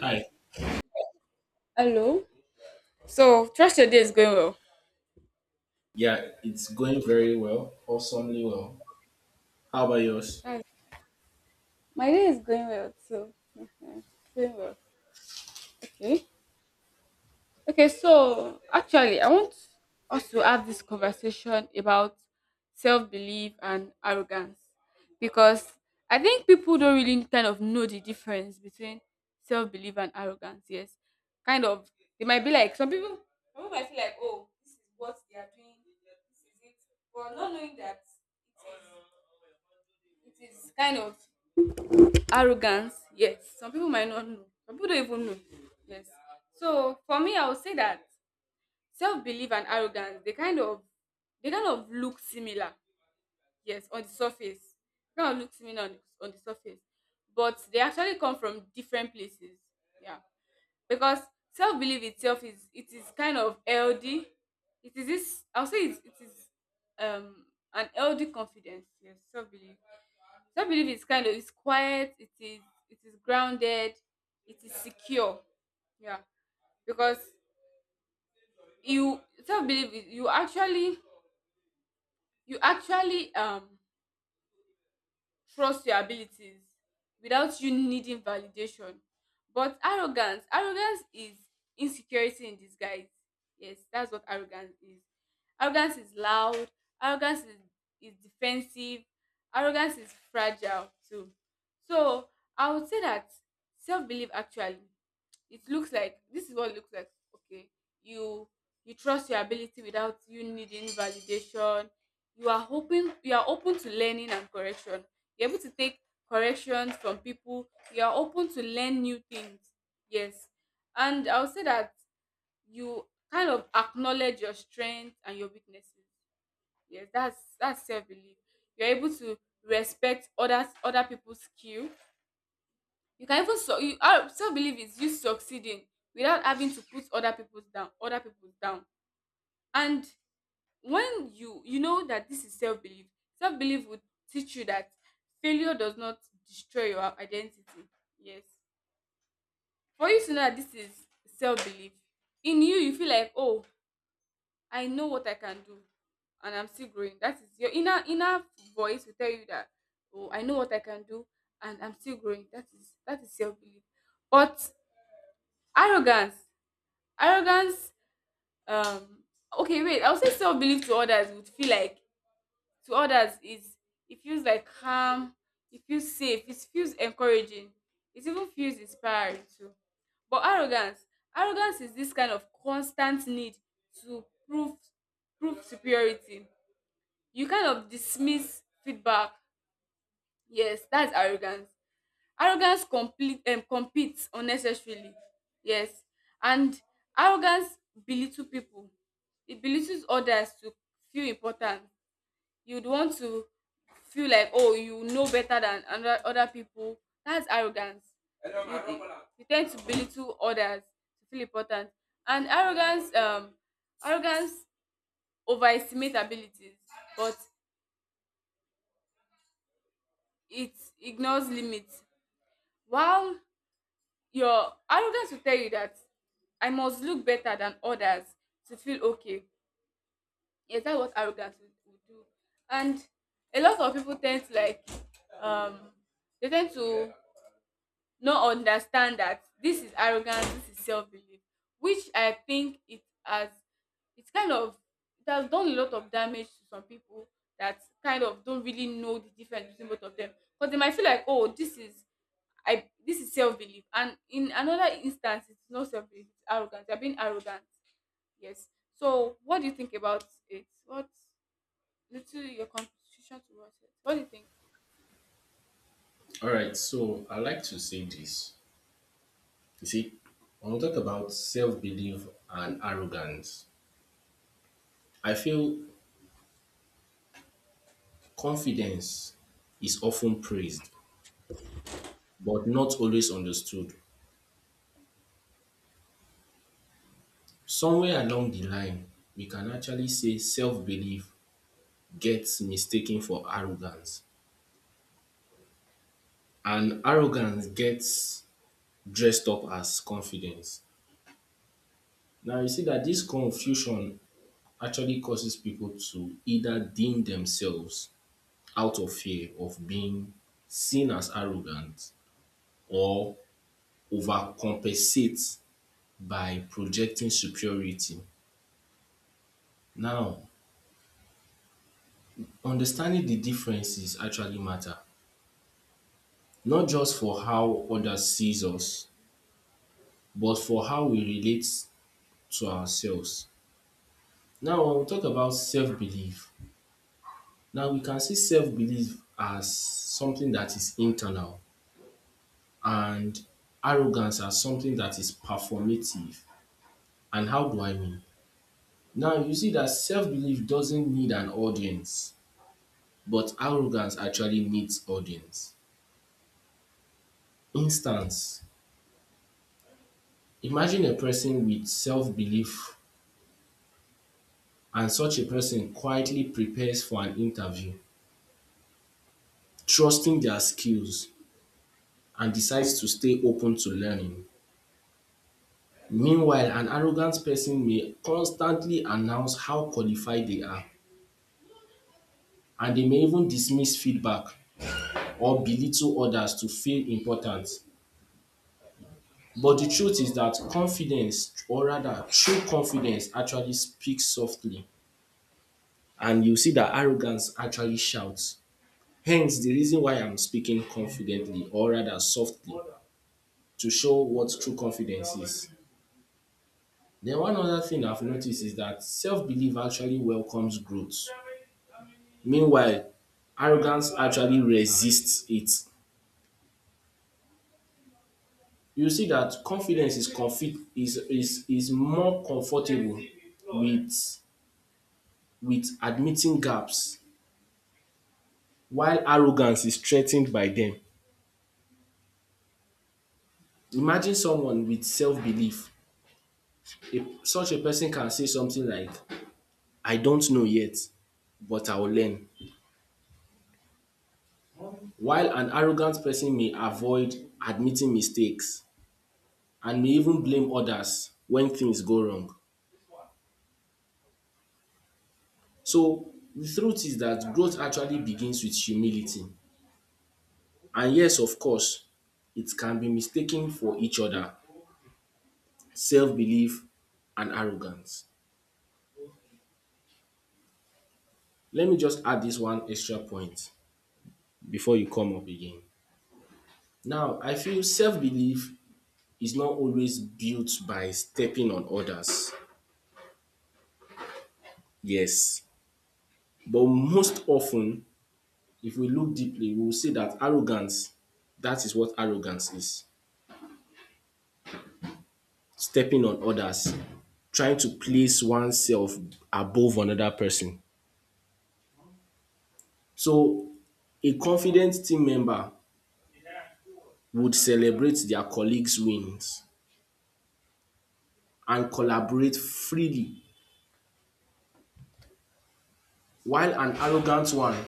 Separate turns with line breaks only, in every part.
Hi.
Hello. So, trust your day is going well.
Yeah, it's going very well, awesomely well. How about yours?
Hi. My day is going well too. Mhm. Going well. Okay. Okay. So actually, I want us to have this conversation about self-belief and arrogance because I think people don't really kind of know the difference between self-belief and arrogance. Yes. Kind of. They might be like some people. Some people might feel like, oh, this is what they are doing. This is it. But not knowing that it is kind of arrogance, yes. Some people might not know. Some people don't even know. Yes. So for me, I would say that self belief and arrogance they kind of look similar. Yes, on the surface, they kind of look similar on the surface, but they actually come from different places. Yeah, because self belief itself is kind of healthy. It is this. I'll say it is um an healthy confidence. Yes, self belief, so I believe it's kind of it's quiet, it is grounded, it is secure. Yeah. Because you self belief is- you actually you actually trust your abilities without you needing validation. But arrogance is insecurity in disguise. Yes, that's what arrogance is. Arrogance is loud, arrogance is defensive, arrogance is fragile too. So I would say that self belief actually, it looks like, this is what it looks like. Okay, you you trust your ability without you needing validation. You are hoping, you are open to learning and correction. You're able to take corrections from people. You are open to learn new things. Yes. And I'll say that you kind of acknowledge your strengths and your weaknesses. Yes, that's self-belief. You're able to respect others, other people's skill. You can even, so you ah self belief is you succeeding without having to put other people down, and when you know that this is self belief, self belief would teach you that failure does not destroy your identity. Yes, for you to know that this is self belief in you, you feel like, oh, I know what I can do and I'm still growing. That is your inner voice. Will tell you that, oh, I know what I can do and I'm still growing. That is, that is self belief. But arrogance. Arrogance, um, okay, wait, I would say self belief to others would feel like, to others is, it feels like calm, it feels safe, it feels encouraging, it even feels inspiring too. But arrogance, arrogance is this kind of constant need to prove, prove superiority. You kind of dismiss feedback. Yes, that's arrogance. Arrogance complete competes unnecessarily. Yes, and arrogance belittle people. It belittles others to feel important. You'd want to feel like, oh, you know better than other people. That's arrogance. Hello, you, you tend to belittle others to feel important. And arrogance, arrogance overestimates abilities, but it ignores limits. While your arrogance will tell you that I must look better than others to feel okay. Yes, that's what arrogance will do. And a lot of people tend to like um they tend to not understand that this is arrogance, this is self-belief, which I think it has, it's kind of it has done a lot of damage to some people that kind of don't really know the difference between both of them. Because they might feel like, oh, this is, I, this is self belief, and in another instance, it's not self belief, it's arrogance. You're being arrogant. Yes. So, what do you think about it? What little your contribution towards it? What do you think?
All right, so I like to say this. You see, when we talk about self belief and arrogance, I feel confidence is often praised, but not always understood. Somewhere along the line, we can actually say self belief gets mistaken for arrogance, and arrogance gets dressed up as confidence. Now, you see that this confusion actually causes people to either deem themselves out of fear of being seen as arrogant or overcompensate by projecting superiority. Now, understanding the differences actually matter, not just for how others sees us, but for how we relate to ourselves. Now, when we talk about self-belief, now we can see self-belief as something that is internal and arrogance as something that is performative. And how do I mean? Now, you see that self belief doesn't need an audience, but arrogance actually needs audience. Instance Imagine a person with self belief, and such a person quietly prepares for an interview, trusting their skills, and decides to stay open to learning. Meanwhile, an arrogant person may constantly announce how qualified they are, and they may even dismiss feedback or belittle others to feel important. But the truth is that confidence, or rather true confidence, actually speaks softly. And you see that arrogance actually shouts. Hence, the reason why I'm speaking confidently, or rather softly, to show what true confidence is. Then, one other thing I've noticed is that self belief actually welcomes growth. Meanwhile, arrogance actually resists it. You see that confidence is confi is more comfortable with admitting gaps while arrogance is threatened by them. Imagine someone with self-belief. A, such a person can say something like, I don't know yet, but I'll learn. While an arrogant person may avoid admitting mistakes and may even blame others when things go wrong. So the truth is that growth actually begins with humility. And yes, of course, it can be mistaken for each other, self-belief and arrogance. Let me just add this one extra point before you come up again. Now, I feel self-belief is not always built by stepping on others. Yes. But most often, if we look deeply, we will see that arrogance, that is what arrogance is. Stepping on others, trying to place oneself above another person. So a confident team member would celebrate their colleagues' wins and collaborate freely while an arrogant one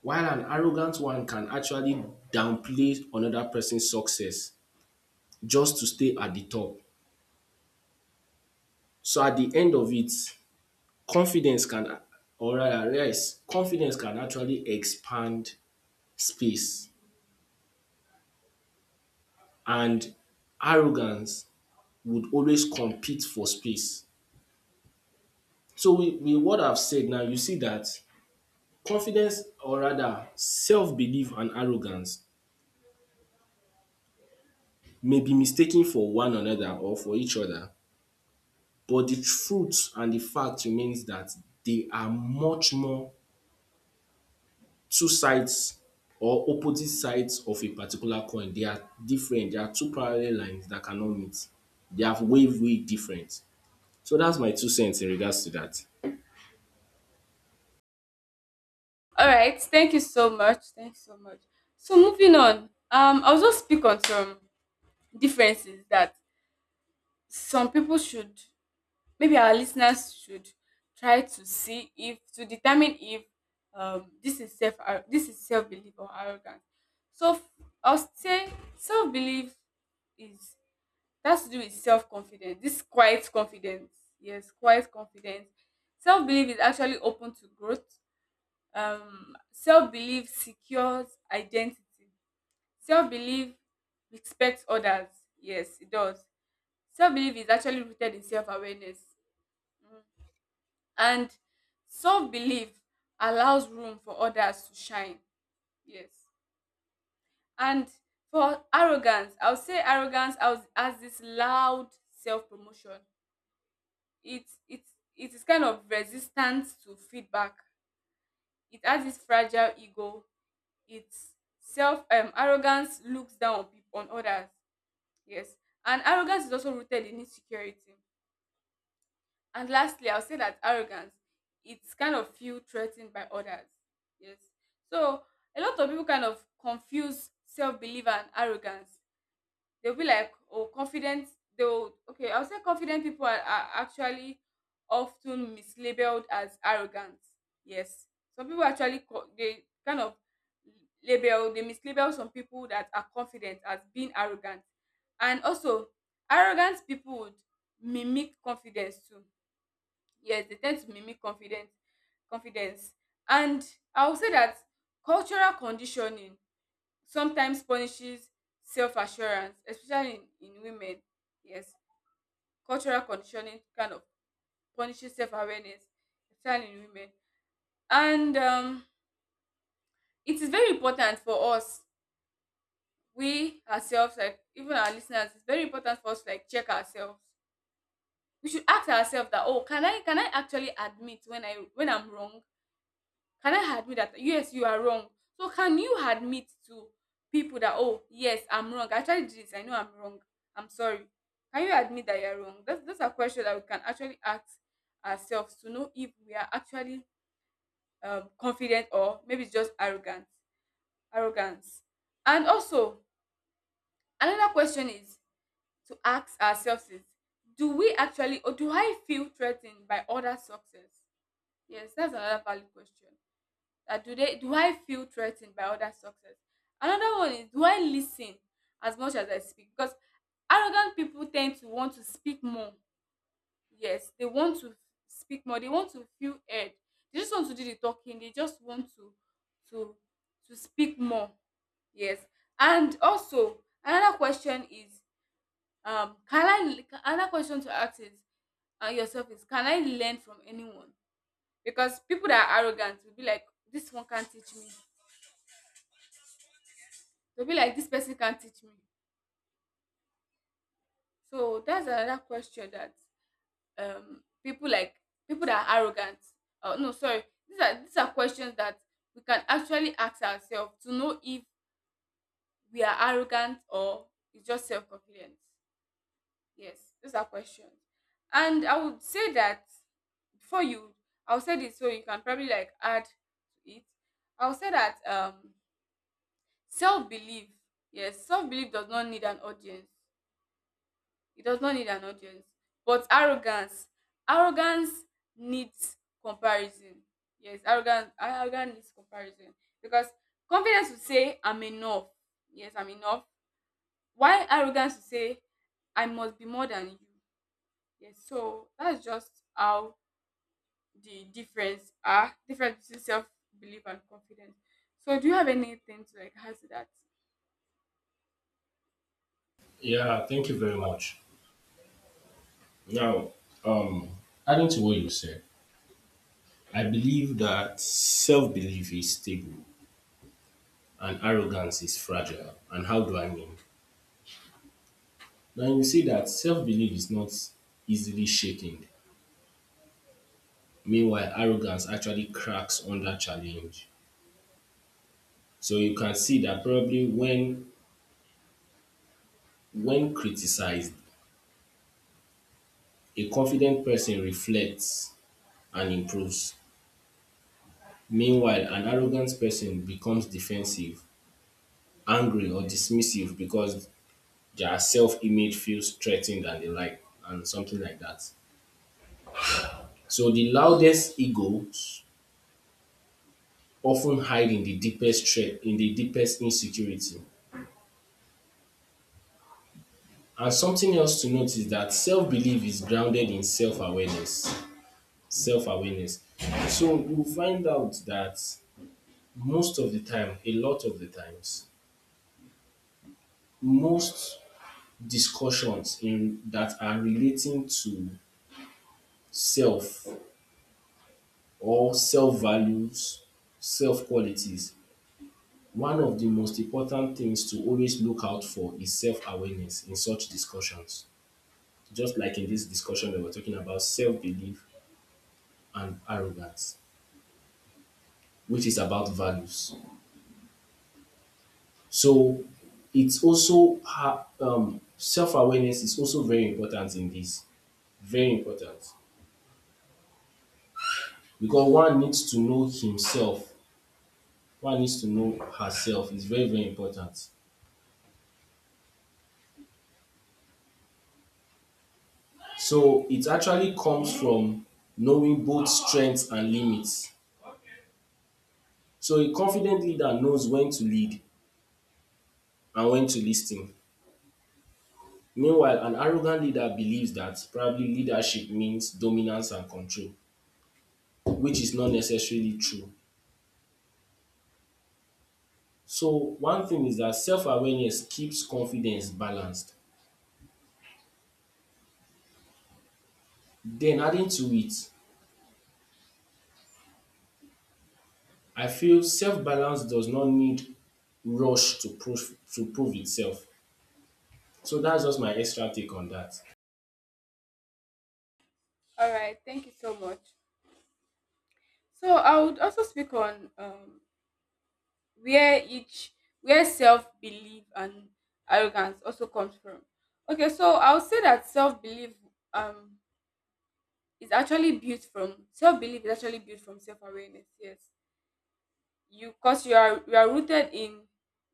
while an arrogant one can actually downplay another person's success just to stay at the top. So at the end of it, confidence can, or rather yes, confidence can actually expand space, and arrogance would always compete for space. So with what I've said now, you see that confidence, or rather self-belief and arrogance, may be mistaken for one another or for each other, but the truth and the fact remains that they are much more two sides or opposite sides of a particular coin. They are different. They are two parallel lines that cannot meet. They are way, way different. So that's my two cents in regards to that.
All right. Thank you so much. Thanks so much. So moving on, I'll just speak on some differences that some people should, maybe our listeners should try to see if, to determine if this is self this is self belief or arrogance. So I'll say self belief is, that's to do with self confidence. This quiet confidence, yes, quiet confidence. Self belief is actually open to growth. Self belief secures identity. Self belief respects others. Yes, it does. Self belief is actually rooted in self awareness, and self-belief allows room for others to shine. Yes. And for arrogance, I would say arrogance has this loud self-promotion. It's it is kind of resistance to feedback. It has this fragile ego. It's self arrogance looks down on people, on others. Yes. And arrogance is also rooted in insecurity. And lastly, I'll say that arrogance, it's kind of feel threatened by others. Yes. So a lot of people kind of confuse self-belief and arrogance. They'll be like, oh, confident, they'll, okay, I'll say confident people are actually often mislabeled as arrogant. Yes. Some people actually they kind of label, they mislabel some people that are confident as being arrogant. And also arrogant people would mimic confidence too. Yes, they tend to mimic confidence. Confidence and I would say that cultural conditioning sometimes punishes self-assurance especially in women. Yes, cultural conditioning kind of punishes self-awareness especially in women. And it is very important for us, we ourselves, like even our listeners, it's very important for us to like check ourselves. We should ask ourselves that, oh, can I, actually admit when I'm wrong. Can I admit that, yes, you are wrong? So can you admit to people that, oh yes, I'm wrong. I tried this. I know I'm wrong. I'm sorry. Can you admit that you're wrong? That's a question that we can actually ask ourselves to know if we are actually confident, or maybe it's just arrogance. And also another question is to ask ourselves is, do we actually, or do I feel threatened by other success? Yes, that's another valid question. Do they do I feel threatened by others' success? Another one is, do I listen as much as I speak? Because arrogant people tend to want to speak more. Yes, they want to speak more. They want to feel heard. They just want to do the talking. They just want to to speak more. Yes, and also another question is, can I another question to ask is yourself is, can I learn from anyone? Because people that are arrogant will be like, this one can't teach me. They'll be like, this person can't teach me. So that's another question that um people like people that are arrogant. Oh no, sorry. These are questions that we can actually ask ourselves to know if we are arrogant or it's just self-confidence. Yes, those are questions. And I would say that before you, I'll say this so you can probably like add to it. I'll say that self-belief. Yes, self-belief does not need an audience. It does not need an audience. But arrogance, arrogance needs comparison. Yes, arrogance needs comparison because confidence will say I'm enough. Yes, I'm enough. Why arrogance will say I must be more than you. Yes, so that's just how the difference are, difference between self belief and confidence. So do you have anything to like add to that?
Yeah, thank you very much. Now, um, adding to what you said, I believe that self belief is stable and arrogance is fragile. And how do I mean? Now you see that self belief is not easily shaken. Meanwhile, arrogance actually cracks under challenge. So you can see that probably when criticized, a confident person reflects and improves. Meanwhile, an arrogant person becomes defensive, angry, or dismissive because their self image feels threatened and the like, and something like that. So the loudest egos often hide in the deepest threat, in the deepest insecurity. And something else to note is that self belief is grounded in self awareness. Self awareness. So you find out that most of the time, a lot of the times, most discussions in that are relating to self or self values, self qualities, one of the most important things to always look out for is self awareness in such discussions. Just like in this discussion we were talking about self-belief and arrogance, which is about values. So it's also self-awareness is also very important in this, very important, because one needs to know himself, one needs to know herself is very very important. So it actually comes from knowing both strengths and limits. So a confident leader knows when to lead and when to listen. Meanwhile, an arrogant leader believes that probably leadership means dominance and control, which is not necessarily true. So, one thing is that self awareness keeps confidence balanced. Then, adding to it, I feel self balance does not need rush to prove, itself. So, that's just my extra take on that.
All right, thank you so much. So I would also speak on where each, where self-belief and arrogance also comes from. Okay, so I would say that self-belief um is actually built from, self-belief is actually built from self-awareness. Yes, you, because you are rooted in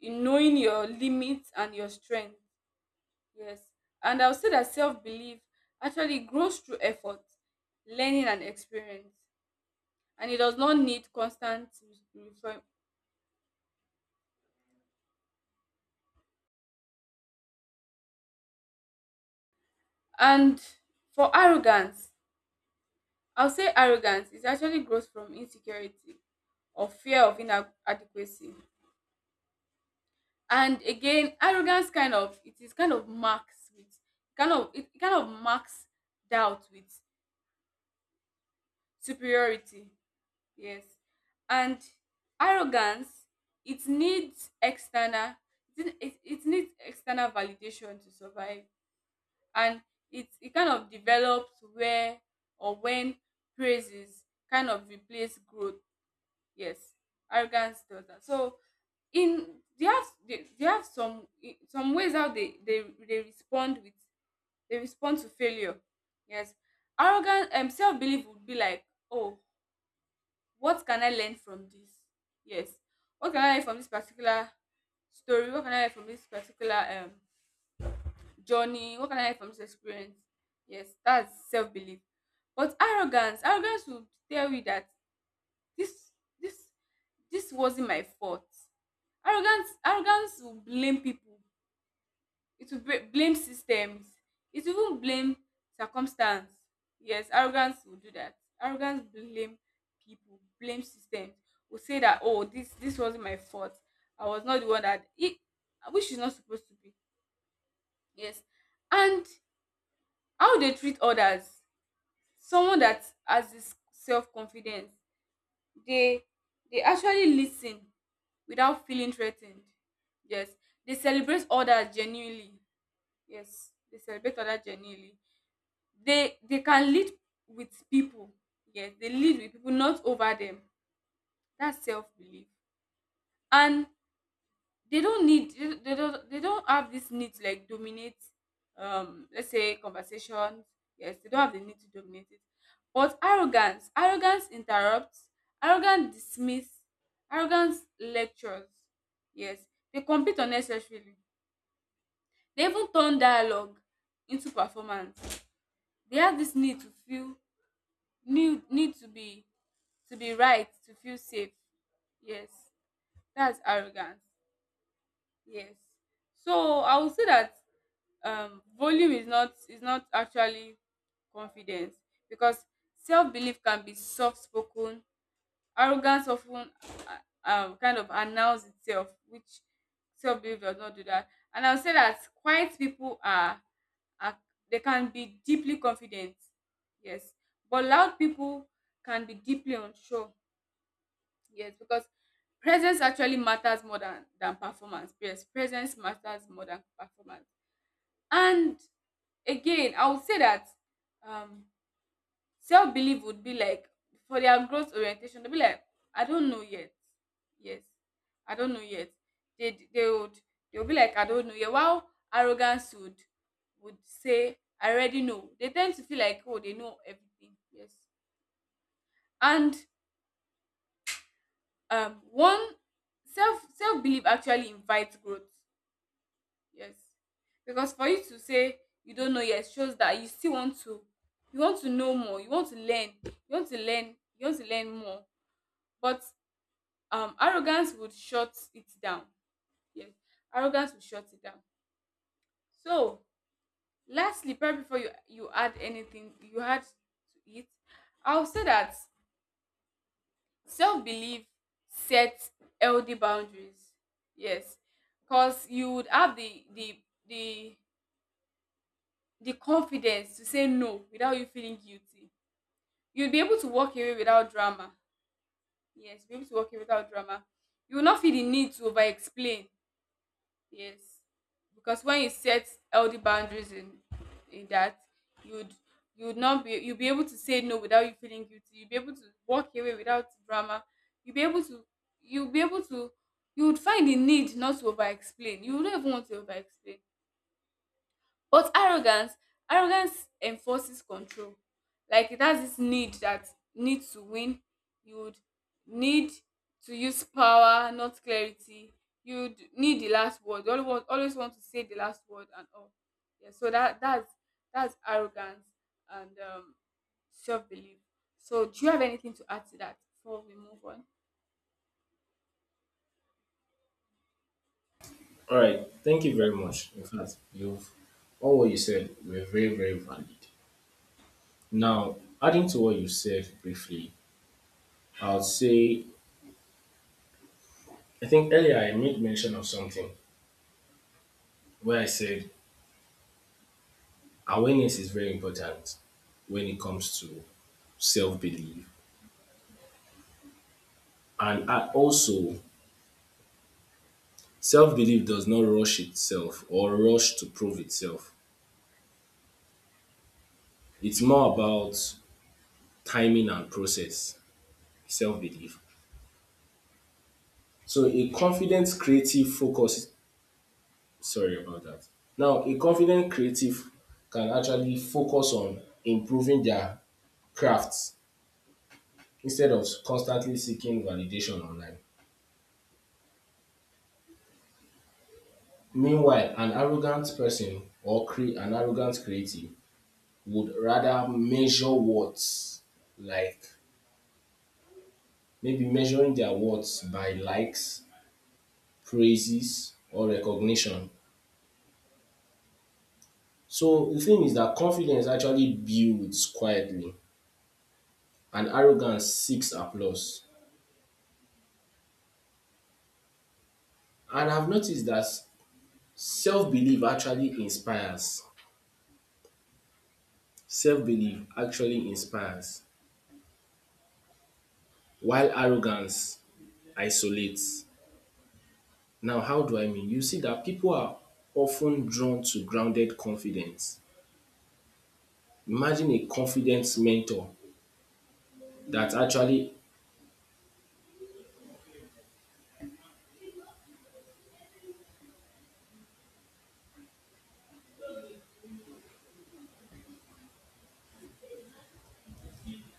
in knowing your limits and your strength. Yes. And I would say that self-belief actually grows through effort, learning and experience, and it does not need constant reform. And for arrogance, I'll say arrogance is actually grows from insecurity or fear of inadequacy. And again, arrogance kind of, it is kind of marks with kind of it kind of marks doubt with superiority. Yes. And arrogance, it needs external, it needs external validation to survive. And it kind of develops where or when praises kind of replace growth. Yes, arrogance does that. So in, they have, they have some ways how they respond with, they respond to failure. Yes, arrogance and self-belief would be like, oh, what can I learn from this? Yes, what can I learn from this particular story? What can I learn from this particular journey? What can I learn from this experience? Yes, that's self-belief. But arrogance will tell you that this this this wasn't my fault. Arrogance will blame people. It will blame systems. It will even blame circumstance. Yes, arrogance will do that. Arrogance blame people, blame systems. Will say that, oh, this wasn't my fault. I was not the one that it, which is not supposed to be. Yes. And how they treat others. Someone that has this self confidence, they they actually listen without feeling threatened. Yes, they celebrate others genuinely. Yes, they celebrate other genuinely. They can lead with people. Yes, they lead with people, not over them. That's self belief, and they don't need, they don't have this need to like dominate. Let's say conversations. Yes, they don't have the need to dominate it. But arrogance, arrogance interrupts, arrogance dismiss, arrogance lectures. Yes, they compete unnecessarily. They even turn dialogue into performance. They have this need to feel, need to be right to feel safe. Yes, that's arrogance. Yes. So I would say that volume is not, actually confidence, because self-belief can be soft-spoken. Arrogance often kind of announces itself, which self-belief does not do that. And I'll say that quiet people are they can be deeply confident, yes, but loud people can be deeply unsure, yes, because presence actually matters more than performance. Yes, presence matters more than performance. And again, I would say that um, self belief would be like, for their growth orientation, they'll be like, I don't know yet. Yes, I don't know yet. They would, they'll be like, I don't know yet. While arrogance would, say, I already know. They tend to feel like, oh, they know everything. Yes. And one self self belief actually invites growth. Yes. Because for you to say you don't know yet shows that you still want to, you want to know more, you want to learn, you want to learn, you want to learn more. But arrogance would shut it down. Yes, arrogance would shut it down. So lastly, right before you, you add anything you had to it, I'll say that self-belief sets healthy boundaries. Yes, because you would have the the confidence to say no without you feeling guilty. You'll be able to walk away without drama. Yes, be able to walk away without drama. You will not feel the need to over explain. Yes, because when you set healthy boundaries in that, you'd, you'd not be you'll be able to say no without you feeling guilty. You'll be able to walk away without drama. You'll be able to, you'll be able to you would find the need not to over explain. You don't even want to over explain. But arrogance enforces control. Like it has this need that, need to win. You would need to use power, not clarity. You'd need the last word. You always want, always want to say the last word and all. Yeah, so that, that's arrogance and self belief. So do you have anything to add to that before we move on?
All right. Thank you very much. In fact, you've all what you said were very, very valid. Now, adding to what you said briefly, I'll say I think earlier I made mention of something where I said awareness is very important when it comes to self belief. And I also, self belief does not rush itself or rush to prove itself. It's more about timing and process, self belief. So, a confident creative focus, sorry about that. Now, a confident creative can actually focus on improving their crafts instead of constantly seeking validation online. Meanwhile, an arrogant person or an arrogant creative would rather measure words like maybe measuring their words by likes, praises, or recognition. So the thing is that confidence actually builds quietly and arrogance seeks applause. And I've noticed that self belief actually inspires. Self belief actually inspires, while arrogance isolates. Now, how do I mean? You see that people are often drawn to grounded confidence. Imagine a confident mentor that actually